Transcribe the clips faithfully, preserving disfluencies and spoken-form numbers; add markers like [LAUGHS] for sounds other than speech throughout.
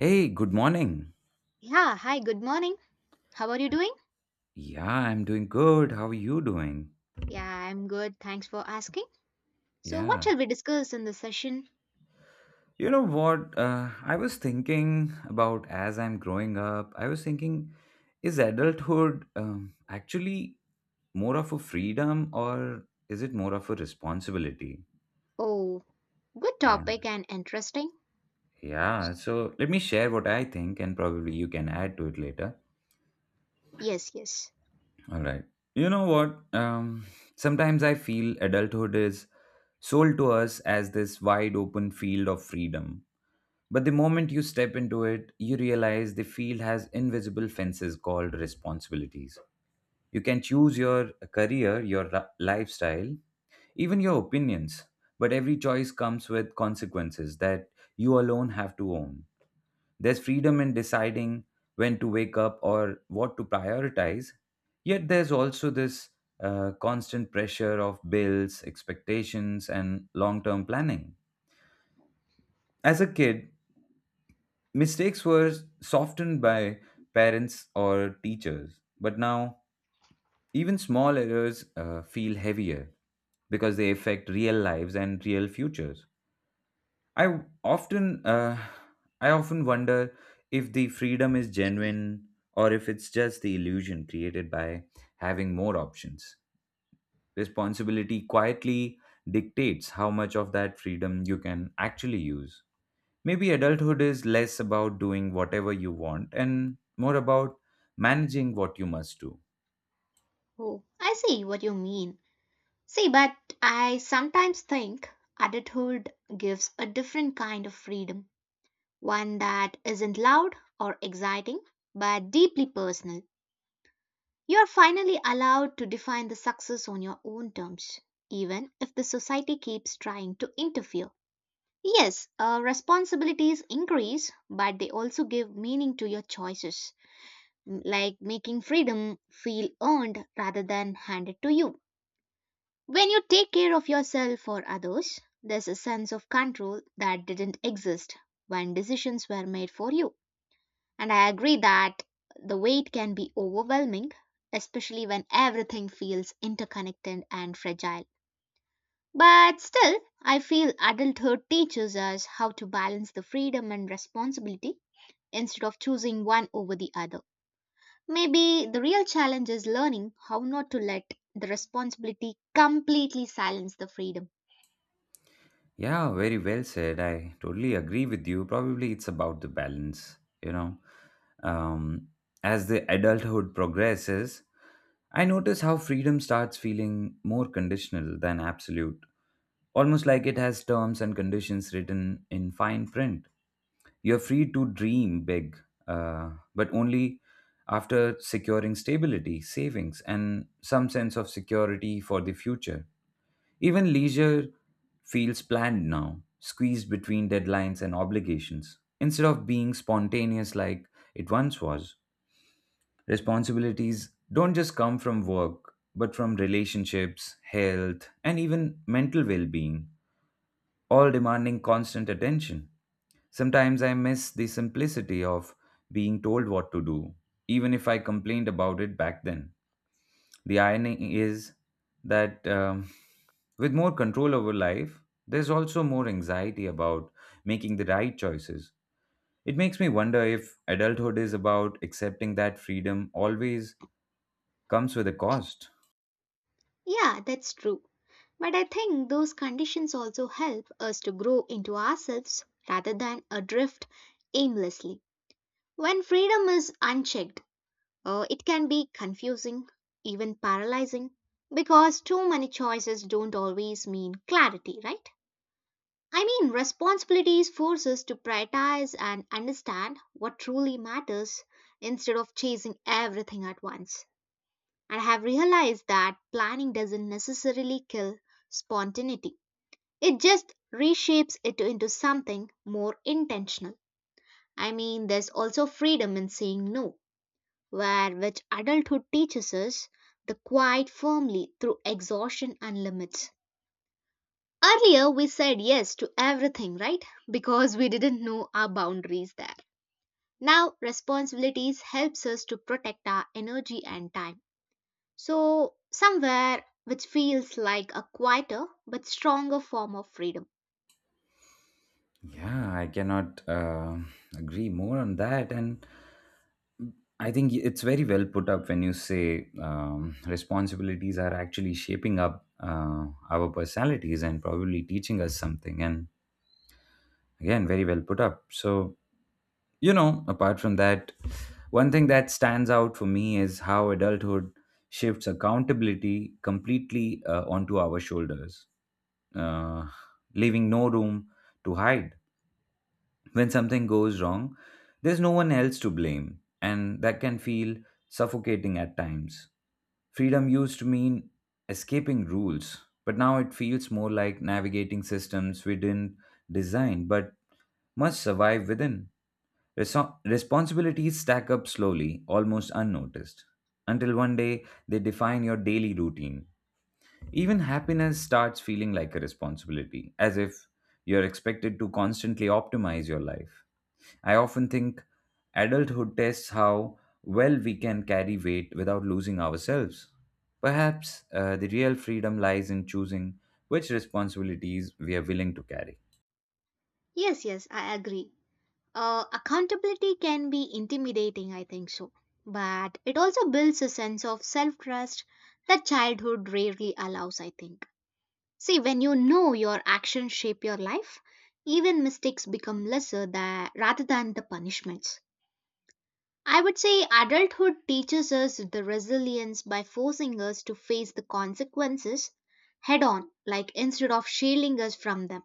Hey, good morning. Yeah, hi, good morning. How are you doing? Yeah, I'm doing good. How are you doing? Yeah, I'm good. Thanks for asking. So, what Yeah. shall we discuss in this session? You know what? Uh, I was thinking about as I'm growing up, I was thinking, is adulthood um, actually more of a freedom or is it more of a responsibility? Oh, good Yeah. topic and interesting. Yeah. So let me share what I think and probably you can add to it later. Yes, yes. All right. You know what? Um, sometimes I feel adulthood is sold to us as this wide open field of freedom. But the moment you step into it, you realize the field has invisible fences called responsibilities. You can choose your career, your ra- lifestyle, even your opinions. But every choice comes with consequences that you alone have to own. There's freedom in deciding when to wake up or what to prioritize. Yet there's also this uh, constant pressure of bills, expectations, and long term planning. As a kid, mistakes were softened by parents or teachers, but now even small errors uh, feel heavier because they affect real lives and real futures. I often, uh, I often wonder if the freedom is genuine or if it's just the illusion created by having more options. Responsibility quietly dictates how much of that freedom you can actually use. Maybe adulthood is less about doing whatever you want and more about managing what you must do. Oh, I see what you mean. See, but I sometimes think adulthood gives a different kind of freedom, one that isn't loud or exciting, but deeply personal. You're finally allowed to define the success on your own terms, even if the society keeps trying to interfere. Yes, uh, responsibilities increase, but they also give meaning to your choices, m- like making freedom feel earned rather than handed to you. When you take care of yourself or others, there's a sense of control that didn't exist when decisions were made for you. And I agree that the weight can be overwhelming, especially when everything feels interconnected and fragile. But still, I feel adulthood teaches us how to balance the freedom and responsibility instead of choosing one over the other. Maybe the real challenge is learning how not to let the responsibility completely silence the freedom. Yeah, very well said. I totally agree with you. Probably it's about the balance, you know. Um, as the adulthood progresses, I notice how freedom starts feeling more conditional than absolute, almost like it has terms and conditions written in fine print. You're free to dream big, uh, but only after securing stability, savings, and some sense of security for the future. Even leisure feels planned now, squeezed between deadlines and obligations, instead of being spontaneous like it once was. Responsibilities don't just come from work, but from relationships, health, and even mental well being, all demanding constant attention. Sometimes I miss the simplicity of being told what to do, even if I complained about it back then. The irony is that um, with more control over life, there's also more anxiety about making the right choices. It makes me wonder if adulthood is about accepting that freedom always comes with a cost. Yeah, that's true. But I think those conditions also help us to grow into ourselves rather than adrift aimlessly. When freedom is unchecked, Uh, it can be confusing, even paralyzing, because too many choices don't always mean clarity, right? I mean, responsibilities force us to prioritize and understand what truly matters instead of chasing everything at once. And I have realized that planning doesn't necessarily kill spontaneity, it just reshapes it into something more intentional. I mean, there's also freedom in saying no where which adulthood teaches us the quite firmly through exhaustion and limits. Earlier, we said yes to everything, right? Because we didn't know our boundaries there. Now, responsibilities helps us to protect our energy and time. So, somewhere which feels like a quieter but stronger form of freedom. Yeah, I cannot uh, agree more on that. And I think it's very well put up when you say um, responsibilities are actually shaping up uh, our personalities and probably teaching us something. And again, very well put up. So, you know, apart from that, one thing that stands out for me is how adulthood shifts accountability completely uh, onto our shoulders, uh, leaving no room to hide. When something goes wrong, there's no one else to blame, and that can feel suffocating at times. Freedom used to mean escaping rules, but now it feels more like navigating systems we didn't design but must survive within. Reso- responsibilities stack up slowly, almost unnoticed, until one day they define your daily routine. Even happiness starts feeling like a responsibility, as if you're expected to constantly optimize your life. I often think adulthood tests how well we can carry weight without losing ourselves. Perhaps uh, the real freedom lies in choosing which responsibilities we are willing to carry. Yes, yes, I agree. Uh, accountability can be intimidating, I think so. But it also builds a sense of self trust that childhood rarely allows, I think. See, when you know your actions shape your life, even mistakes become lesser tha- rather than the punishments. I would say adulthood teaches us the resilience by forcing us to face the consequences head on, like instead of shielding us from them,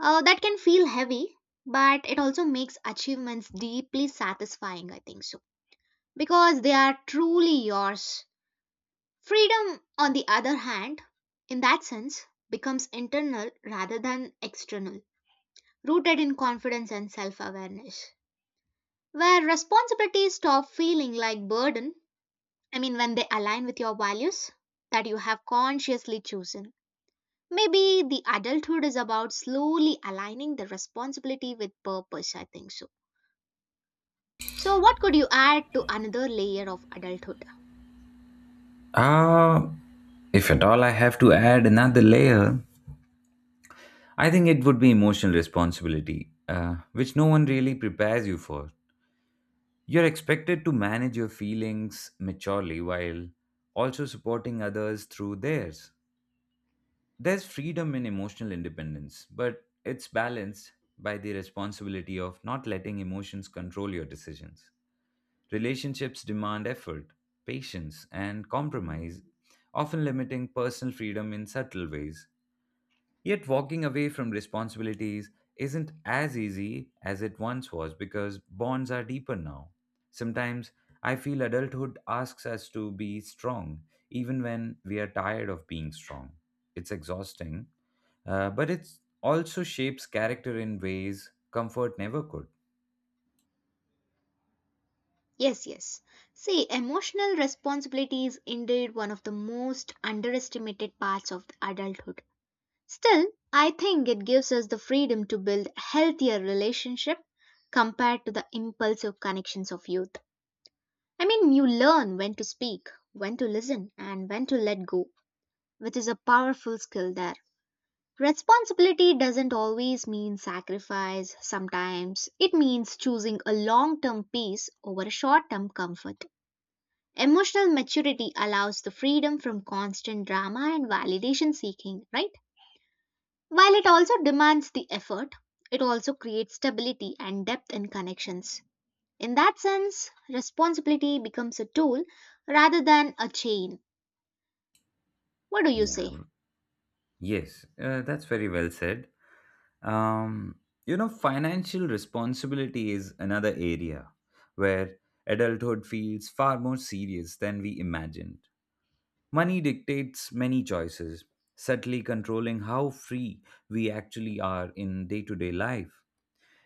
uh, that can feel heavy, but it also makes achievements deeply satisfying, I think so, because they are truly yours. Freedom, on the other hand, in that sense, becomes internal rather than external, rooted in confidence and self-awareness, where responsibilities stop feeling like burden. I mean, when they align with your values that you have consciously chosen, maybe the adulthood is about slowly aligning the responsibility with purpose, I think so. So, what could you add to another layer of adulthood? Uh, if at all I have to add another layer, I think it would be emotional responsibility, uh, which no one really prepares you for. You're expected to manage your feelings maturely while also supporting others through theirs. There's freedom in emotional independence, but it's balanced by the responsibility of not letting emotions control your decisions. Relationships demand effort, patience, and compromise, often limiting personal freedom in subtle ways. Yet, walking away from responsibilities isn't as easy as it once was because bonds are deeper now. Sometimes I feel adulthood asks us to be strong, even when we are tired of being strong. It's exhausting, uh, but it also shapes character in ways comfort never could. Yes, yes. See, emotional responsibility is indeed one of the most underestimated parts of adulthood. Still, I think it gives us the freedom to build healthier relationship compared to the impulsive connections of youth. I mean, you learn when to speak, when to listen, and when to let go, which is a powerful skill there. Responsibility doesn't always mean sacrifice, sometimes it means choosing a long term peace over a short term comfort. Emotional maturity allows the freedom from constant drama and validation seeking, right? While it also demands the effort, it also creates stability and depth in connections. In that sense, responsibility becomes a tool rather than a chain. What do you say? Yeah. Yes, uh, that's very well said. Um, you know, financial responsibility is another area where adulthood feels far more serious than we imagined. Money dictates many choices, subtly controlling how free we actually are in day to day life.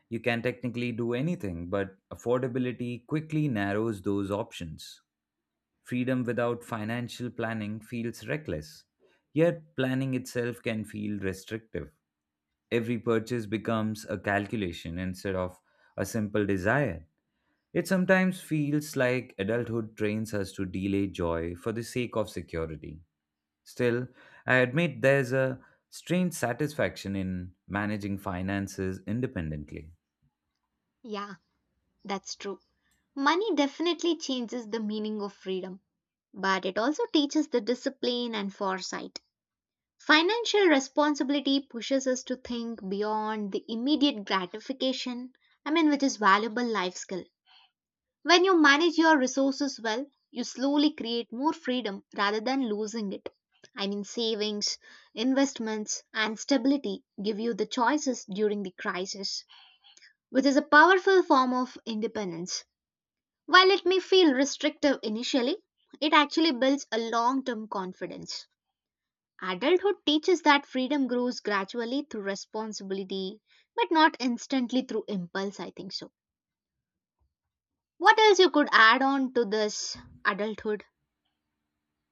You can technically do anything, but affordability quickly narrows those options. Freedom without financial planning feels reckless, yet, planning itself can feel restrictive. Every purchase becomes a calculation instead of a simple desire. It sometimes feels like adulthood trains us to delay joy for the sake of security. Still, I admit there's a strange satisfaction in managing finances independently. Yeah, that's true. Money definitely changes the meaning of freedom, but it also teaches the discipline and foresight. Financial responsibility pushes us to think beyond the immediate gratification, I mean, which is valuable life skill. When you manage your resources well, you slowly create more freedom rather than losing it. I mean, savings, investments, and stability give you the choices during the crisis, which is a powerful form of independence. While it may feel restrictive initially, it actually builds a long term confidence. Adulthood teaches that freedom grows gradually through responsibility, but not instantly through impulse, I think so. What else you could add on to this adulthood?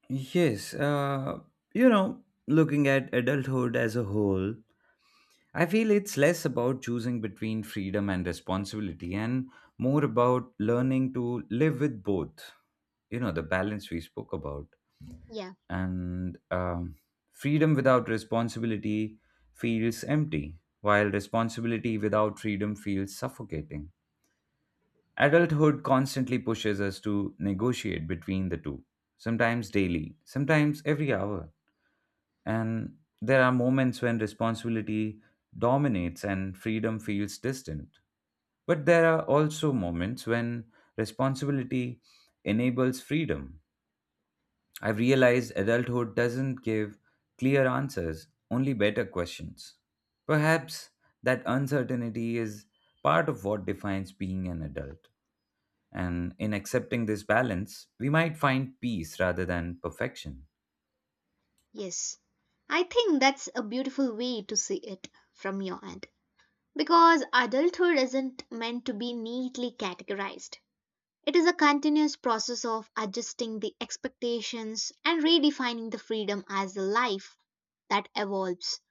Yes, uh, you know, looking at adulthood as a whole, I feel it's less about choosing between freedom and responsibility and more about learning to live with both. You know, the balance we spoke about. Yeah, And um, freedom without responsibility feels empty, while responsibility without freedom feels suffocating. Adulthood constantly pushes us to negotiate between the two, sometimes daily, sometimes every hour, and there are moments when responsibility dominates and freedom feels distant. But there are also moments when responsibility enables freedom. I've realized adulthood doesn't give clear answers, only better questions. Perhaps that uncertainty is part of what defines being an adult. And in accepting this balance, we might find peace rather than perfection. yes. I think that's a beautiful way to see it from your end. Because adulthood isn't meant to be neatly categorized. It is a continuous process of adjusting the expectations and redefining the freedom as a life that evolves.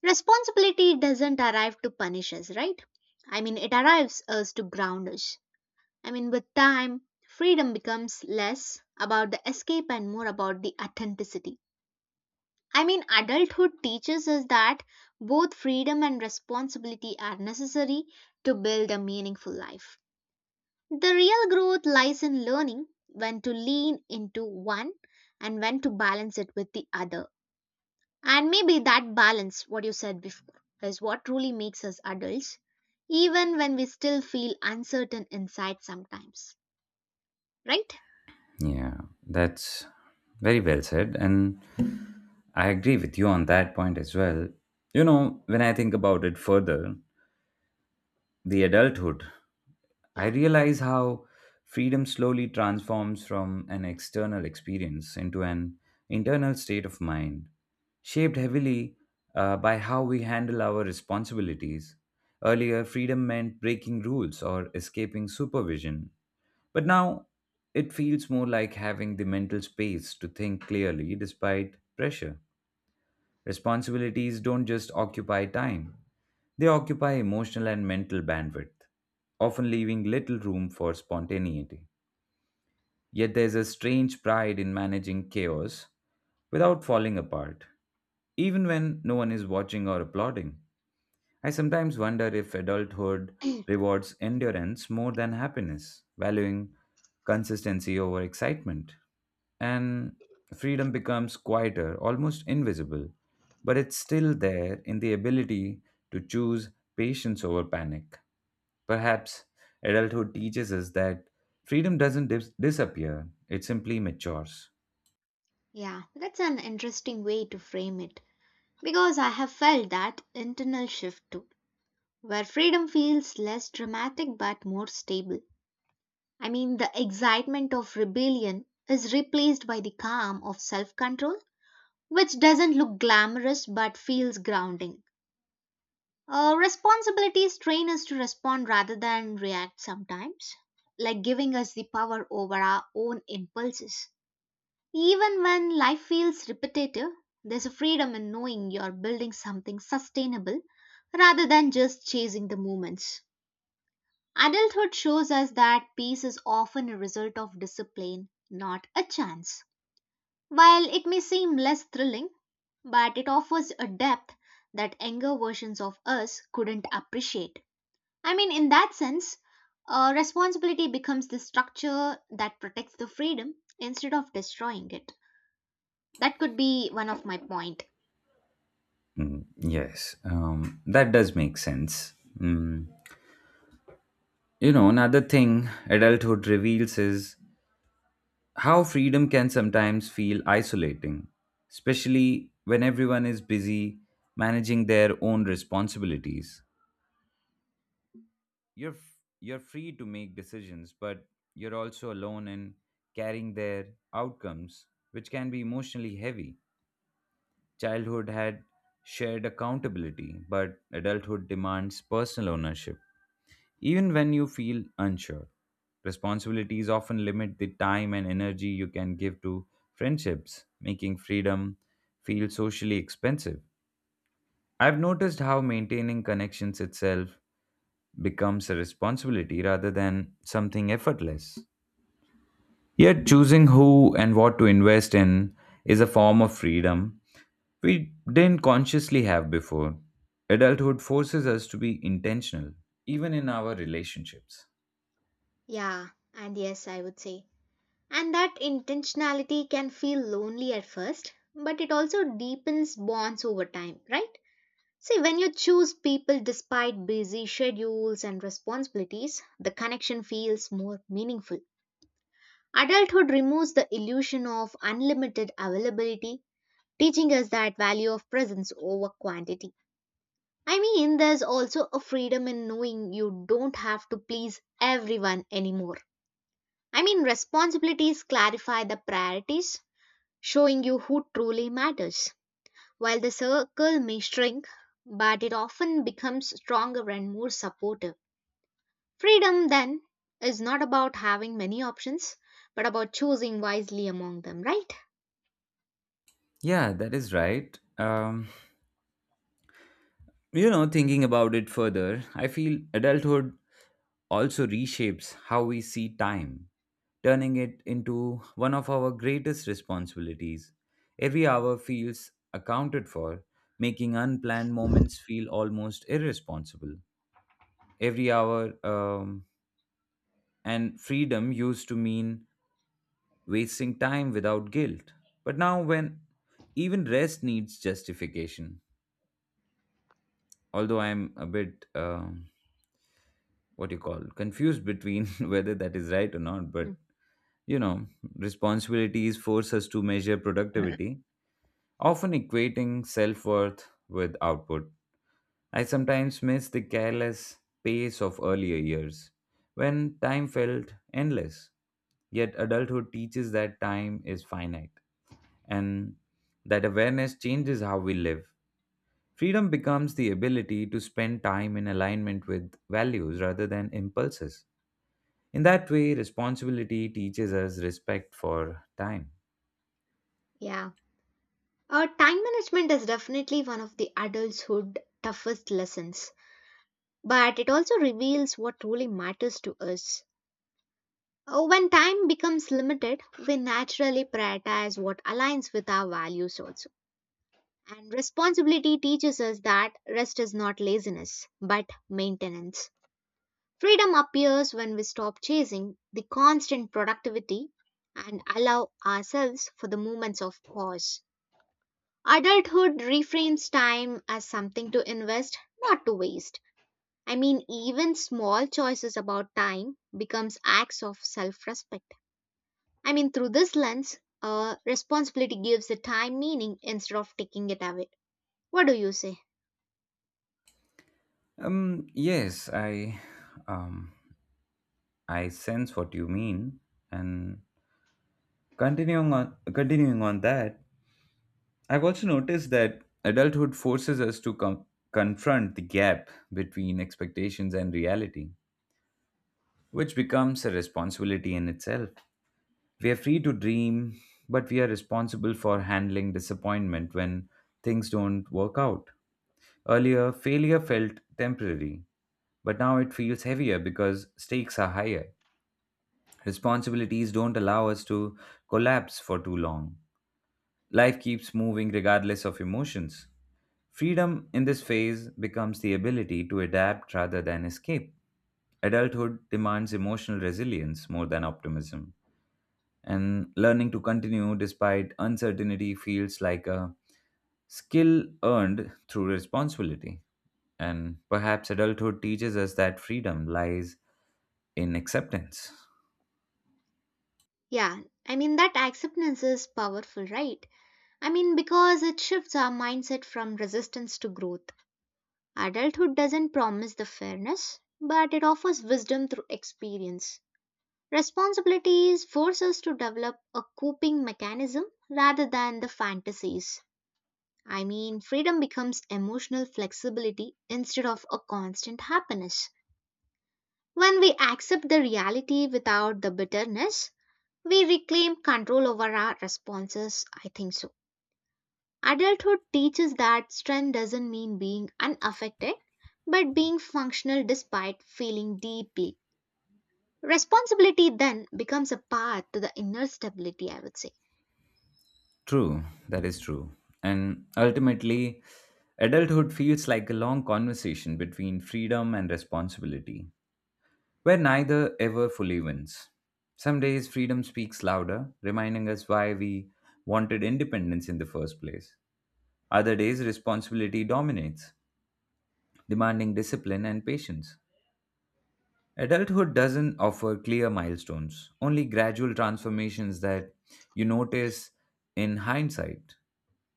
Responsibility doesn't arrive to punish us, right? I mean, it arrives us to ground us. I mean, with time, freedom becomes less about the escape and more about the authenticity. I mean, adulthood teaches us that both freedom and responsibility are necessary to build a meaningful life. The real growth lies in learning when to lean into one and when to balance it with the other. And maybe that balance, what you said before, is what truly makes us adults, even when we still feel uncertain inside sometimes. Right? Yeah, that's very well said. And I agree with you on that point as well. You know, when I think about it further, the adulthood, I Yeah. realize how freedom slowly transforms from an external experience into an internal state of mind, shaped heavily uh, by how we handle our responsibilities. Earlier, freedom meant breaking rules or escaping supervision, but now it feels more like having the mental space to think clearly despite pressure. Responsibilities don't just occupy time, they occupy emotional and mental bandwidth, often leaving little room for spontaneity. Yet there's a strange pride in managing chaos without falling apart, even when no one is watching or applauding. I sometimes wonder if adulthood rewards endurance more than happiness, valuing consistency over excitement. And freedom becomes quieter, almost invisible, but it's still there in the ability to choose patience over panic. Perhaps adulthood teaches us that freedom doesn't dis- disappear, it simply matures. Yeah. That's an interesting way to frame it. Because I have felt that internal shift too, where freedom feels less dramatic but more stable. I mean, the excitement of rebellion is replaced by the calm of self control, which doesn't look glamorous but feels grounding. Uh, responsibilities train us to respond rather than react sometimes, like giving us the power over our own impulses. Even when life feels repetitive, there's a freedom in knowing you're building something sustainable rather than just chasing the moments. Adulthood shows us that peace is often a result of discipline, not a chance. While it may seem less thrilling, but it offers a depth that younger versions of us couldn't appreciate. I mean, in that sense, uh, responsibility becomes the structure that protects the freedom instead of destroying it. That could be one of my point. Mm, yes, um, that does make sense. Mm. You know, another thing adulthood reveals is how freedom can sometimes feel isolating, especially when everyone is busy managing their own responsibilities. You're f- you're free to make decisions, but you're also alone in carrying their outcomes, which can be emotionally heavy. Childhood had shared accountability, but adulthood demands personal ownership. Even when you feel unsure, responsibilities often limit the time and energy you can give to friendships, making freedom feel socially expensive. I've noticed how maintaining connections itself becomes a responsibility rather than something effortless. Yet, choosing who and what to invest in is a form of freedom we didn't consciously have before. Adulthood forces us to be intentional, even in our relationships. Yeah, and yes, I would say. And that intentionality can feel lonely at first, but it also deepens bonds over time, right? See, when you choose people despite busy schedules and responsibilities, the connection feels more meaningful. Adulthood removes the illusion of unlimited availability, teaching us that value of presence over quantity. I mean, there's also a freedom in knowing you don't have to please everyone anymore. I mean, responsibilities clarify the priorities, showing you who truly matters. While the circle may shrink, but it often becomes stronger and more supportive. Freedom, then, is not about having many options, but about choosing wisely among them, right? Yeah, that is right. Um, you know, thinking about it further, I feel adulthood also reshapes how we see time, turning it into one of our greatest responsibilities. Every hour feels accounted for, making unplanned moments feel almost irresponsible. Every hour um, and freedom used to mean wasting time without guilt. But now, when even rest needs justification, although I'm a bit. Um, what you call confused between [LAUGHS] whether that is right or not, Mm. but you know, responsibilities force us to measure productivity, often equating self-worth with output. I sometimes miss the careless pace of earlier years when time felt endless. Yet adulthood teaches that time is finite, and that awareness changes how we live. Freedom becomes the ability to spend time in alignment with values rather than impulses. In that way, responsibility teaches us respect for time. Yeah. Uh, time management is definitely one of the adulthood toughest lessons, but it also reveals what truly matters to us. Uh, When time becomes limited, we naturally prioritize what aligns with our values also. And responsibility teaches us that rest is not laziness, but maintenance. Freedom appears when we stop chasing the constant productivity and allow ourselves for the moments of pause. Adulthood reframes time as something to invest, not to waste. I mean, even small choices about time becomes acts of self-respect. I mean, through this lens, uh, responsibility gives the time meaning instead of taking it away. What do you say? Um, yes, I, um, I sense what you mean. And continuing on, continuing on that, I've also noticed that adulthood forces us to com- confront the gap between expectations and reality, which becomes a responsibility in itself. We are free to dream, but we are responsible for handling disappointment when things don't work out. Earlier, failure felt temporary, but now it feels heavier because stakes are higher. Responsibilities don't allow us to collapse for too long. Life keeps moving regardless of emotions. Freedom in this phase becomes the ability to adapt rather than escape. Adulthood demands emotional resilience more than optimism, and learning to continue despite uncertainty feels like a skill earned through responsibility. And perhaps adulthood teaches us that freedom lies in acceptance. Yeah, I mean, that acceptance is powerful, right? I mean, because it shifts our mindset from resistance to growth. Adulthood doesn't promise the fairness, but it offers wisdom through experience. Responsibilities force us to develop a coping mechanism rather than the fantasies. I mean, freedom becomes emotional flexibility instead of a constant happiness. When we accept the reality without the bitterness, we reclaim control over our responses. I think so. Adulthood teaches that strength doesn't mean being unaffected, but being functional despite feeling deeply. Responsibility then becomes a path to the inner stability, I would say. True, that is true. And ultimately, adulthood feels like a long conversation between freedom and responsibility, where neither ever fully wins. Some days, freedom speaks louder, reminding us why we wanted independence in the first place. Other days, responsibility dominates, demanding discipline and patience. Adulthood doesn't offer clear milestones, only gradual transformations that you notice in hindsight.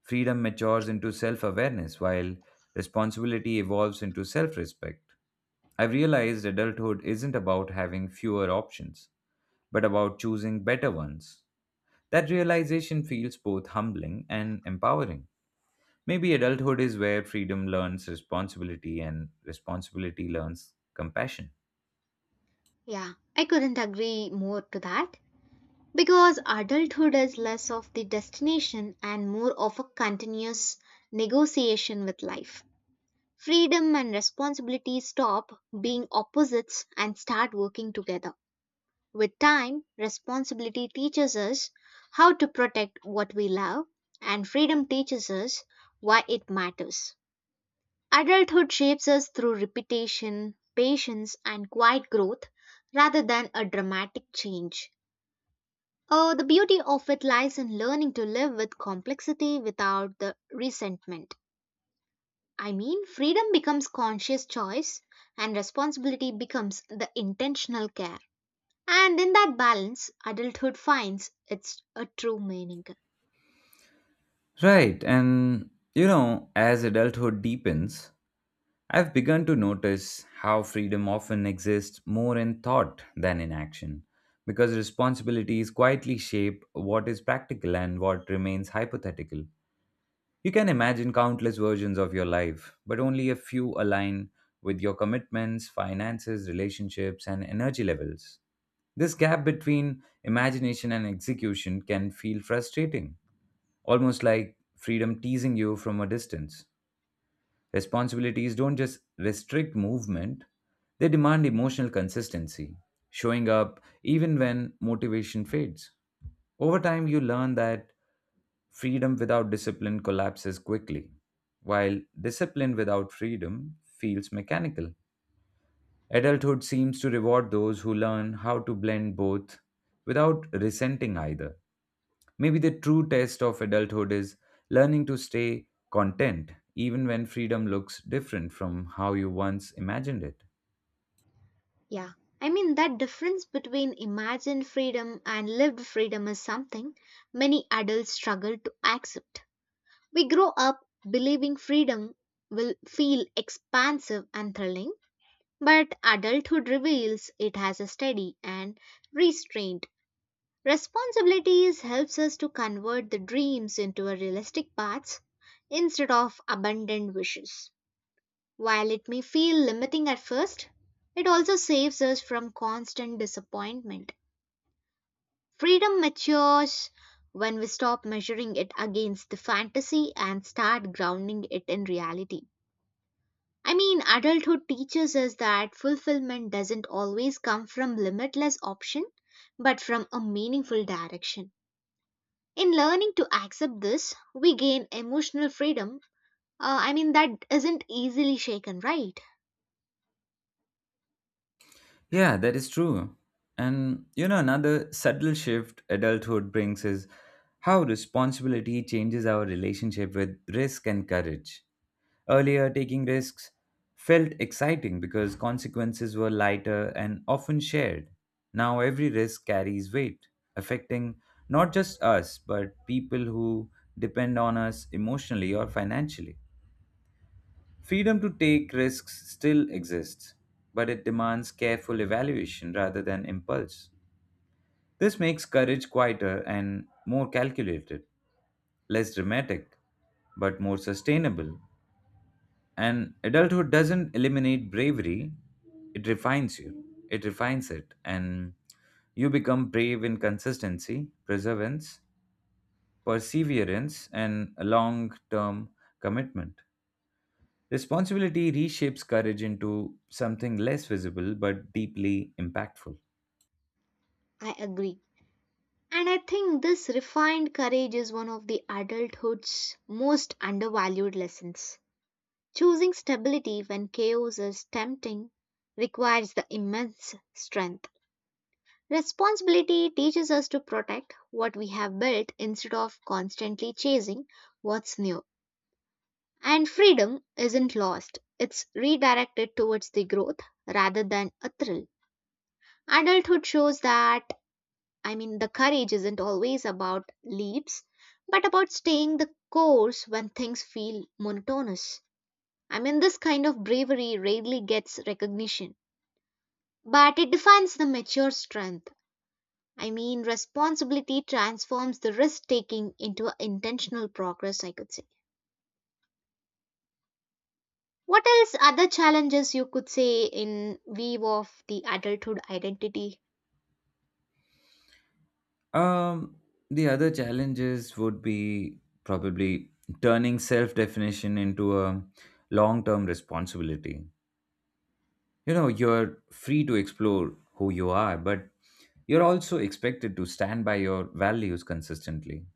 Freedom matures into self awareness, while responsibility evolves into self respect. I've realized adulthood isn't about having fewer options, but about choosing better ones. That realization feels both humbling and empowering. Maybe adulthood is where freedom learns responsibility and responsibility learns compassion. Yeah, I couldn't agree more to that. Because adulthood is less of the destination and more of a continuous negotiation with life. Freedom and responsibility stop being opposites and start working together. With time, responsibility teaches us how to protect what we love, and freedom teaches us why it matters. Adulthood shapes us through repetition, patience, and quiet growth rather than a dramatic change. Uh, the beauty of it lies in learning to live with complexity without the resentment. I mean, freedom becomes conscious choice and responsibility becomes the intentional care. And in that balance, adulthood finds its a true meaning. Right, and you know, as adulthood deepens, I've begun to notice how freedom often exists more in thought than in action, because responsibilities quietly shape what is practical and what remains hypothetical. You can imagine countless versions of your life, but only a few align with your commitments, finances, relationships, and energy levels. This gap between imagination and execution can feel frustrating, almost like freedom teasing you from a distance. Responsibilities don't just restrict movement, they demand emotional consistency, showing up even when motivation fades. Over time, you learn that freedom without discipline collapses quickly, while discipline without freedom feels mechanical. Adulthood seems to reward those who learn how to blend both without resenting either. Maybe the true test of adulthood is learning to stay content, even when freedom looks different from how you once imagined it. Yeah. I mean, that difference between imagined freedom and lived freedom is something many adults struggle to accept. We grow up believing freedom will feel expansive and thrilling, but adulthood reveals it has a steady and restrained. Responsibilities helps us to convert the dreams into a realistic paths instead of abundant wishes. While it may feel limiting at first, it also saves us from constant disappointment. Freedom matures when we stop measuring it against the fantasy and start grounding it in reality. I mean, adulthood teaches us that fulfillment doesn't always come from limitless option, but from a meaningful direction. In learning to accept this, we gain emotional freedom. Uh, I mean, that isn't easily shaken, right? Yeah, that is true. And you know, another subtle shift adulthood brings is how responsibility changes our relationship with risk and courage. Earlier, taking risks felt exciting because consequences were lighter and often shared. Now, every risk carries weight, affecting not just us, but people who depend on us emotionally or financially. Freedom to take risks still exists, but it demands careful evaluation rather than impulse. This makes courage quieter and more calculated, less dramatic, but more sustainable. And adulthood doesn't eliminate bravery, it refines you, it refines it, and you become brave in consistency, perseverance, perseverance, and a long term commitment. Responsibility reshapes courage into something less visible but deeply impactful. I agree. And I think this refined courage is one of the adulthood's most undervalued lessons. Choosing stability when chaos is tempting requires the immense strength. Responsibility teaches us to protect what we have built instead of constantly chasing what's new. And freedom isn't lost, it's redirected towards the growth rather than a thrill. Adulthood shows that, I mean, the courage isn't always about leaps, but about staying the course when things feel monotonous. I mean, this kind of bravery rarely gets recognition, but it defines the mature strength. I mean, responsibility transforms the risk taking into intentional progress, I could say. What else other challenges you could say in view of the adulthood identity? Um, the other challenges would be probably turning self definition into a long term responsibility. You know, you're free to explore who you are, but you're also expected to stand by your values consistently.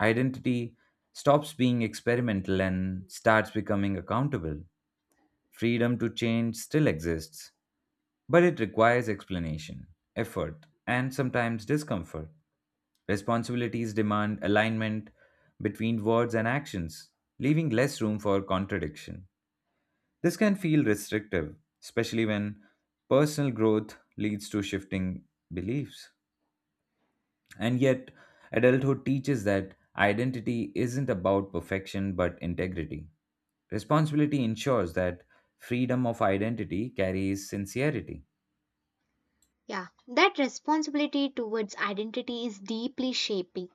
Identity stops being experimental and starts becoming accountable. Freedom to change still exists, but it requires explanation, effort, and sometimes discomfort. Responsibilities demand alignment between words and actions, leaving less room for contradiction. This can feel restrictive, especially when personal growth leads to shifting beliefs. And yet, adulthood teaches that identity isn't about perfection but integrity. Responsibility ensures that freedom of identity carries sincerity. Yeah, that responsibility towards identity is deeply shaping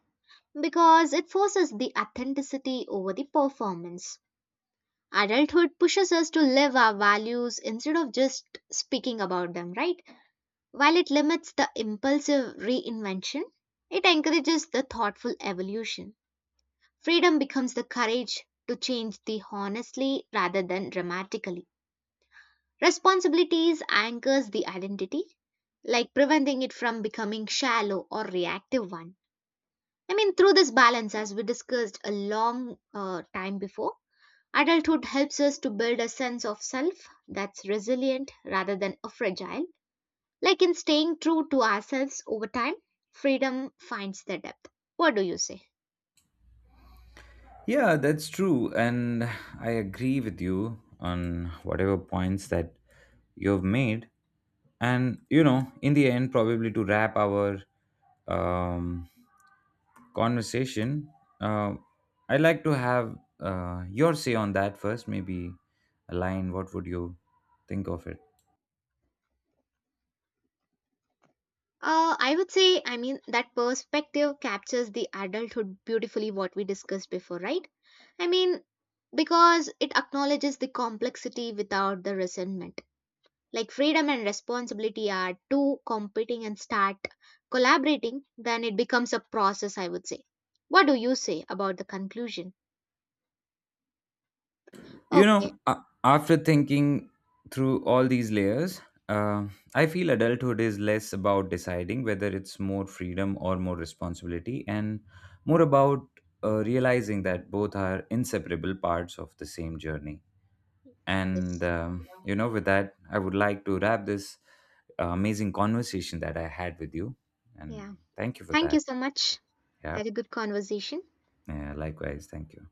because it forces the authenticity over the performance. Adulthood pushes us to live our values instead of just speaking about them, right? While it limits the impulsive reinvention, it encourages the thoughtful evolution. Freedom becomes the courage to change the honestly rather than dramatically. Responsibilities anchors the identity, like preventing it from becoming shallow or reactive one. I mean, through this balance, as we discussed a long uh, time before, adulthood helps us to build a sense of self that's resilient rather than a fragile. Like in staying true to ourselves over time, freedom finds the depth. What do you say? Yeah, that's true. And I agree with you on whatever points that you've made. And, you know, in the end, probably to wrap our um, conversation, uh, I'd like to have uh, your say on that first. Maybe a line. What would you think of it? Uh, I would say, I mean, that perspective captures the adulthood beautifully, what we discussed before, right? I mean, because it acknowledges the complexity without the resentment. Like freedom and responsibility are two competing and start collaborating, then it becomes a process, I would say. What do you say about the conclusion? You Okay, know, a- after thinking through all these layers, uh, I feel adulthood is less about deciding whether it's more freedom or more responsibility, and more about uh, realizing that both are inseparable parts of the same journey. And, yes. um, you know, with that, I would like to wrap this uh, amazing conversation that I had with you. And Yeah. thank you for Thank you that. so much. Yeah. Had a good conversation. Yeah, likewise. Thank you.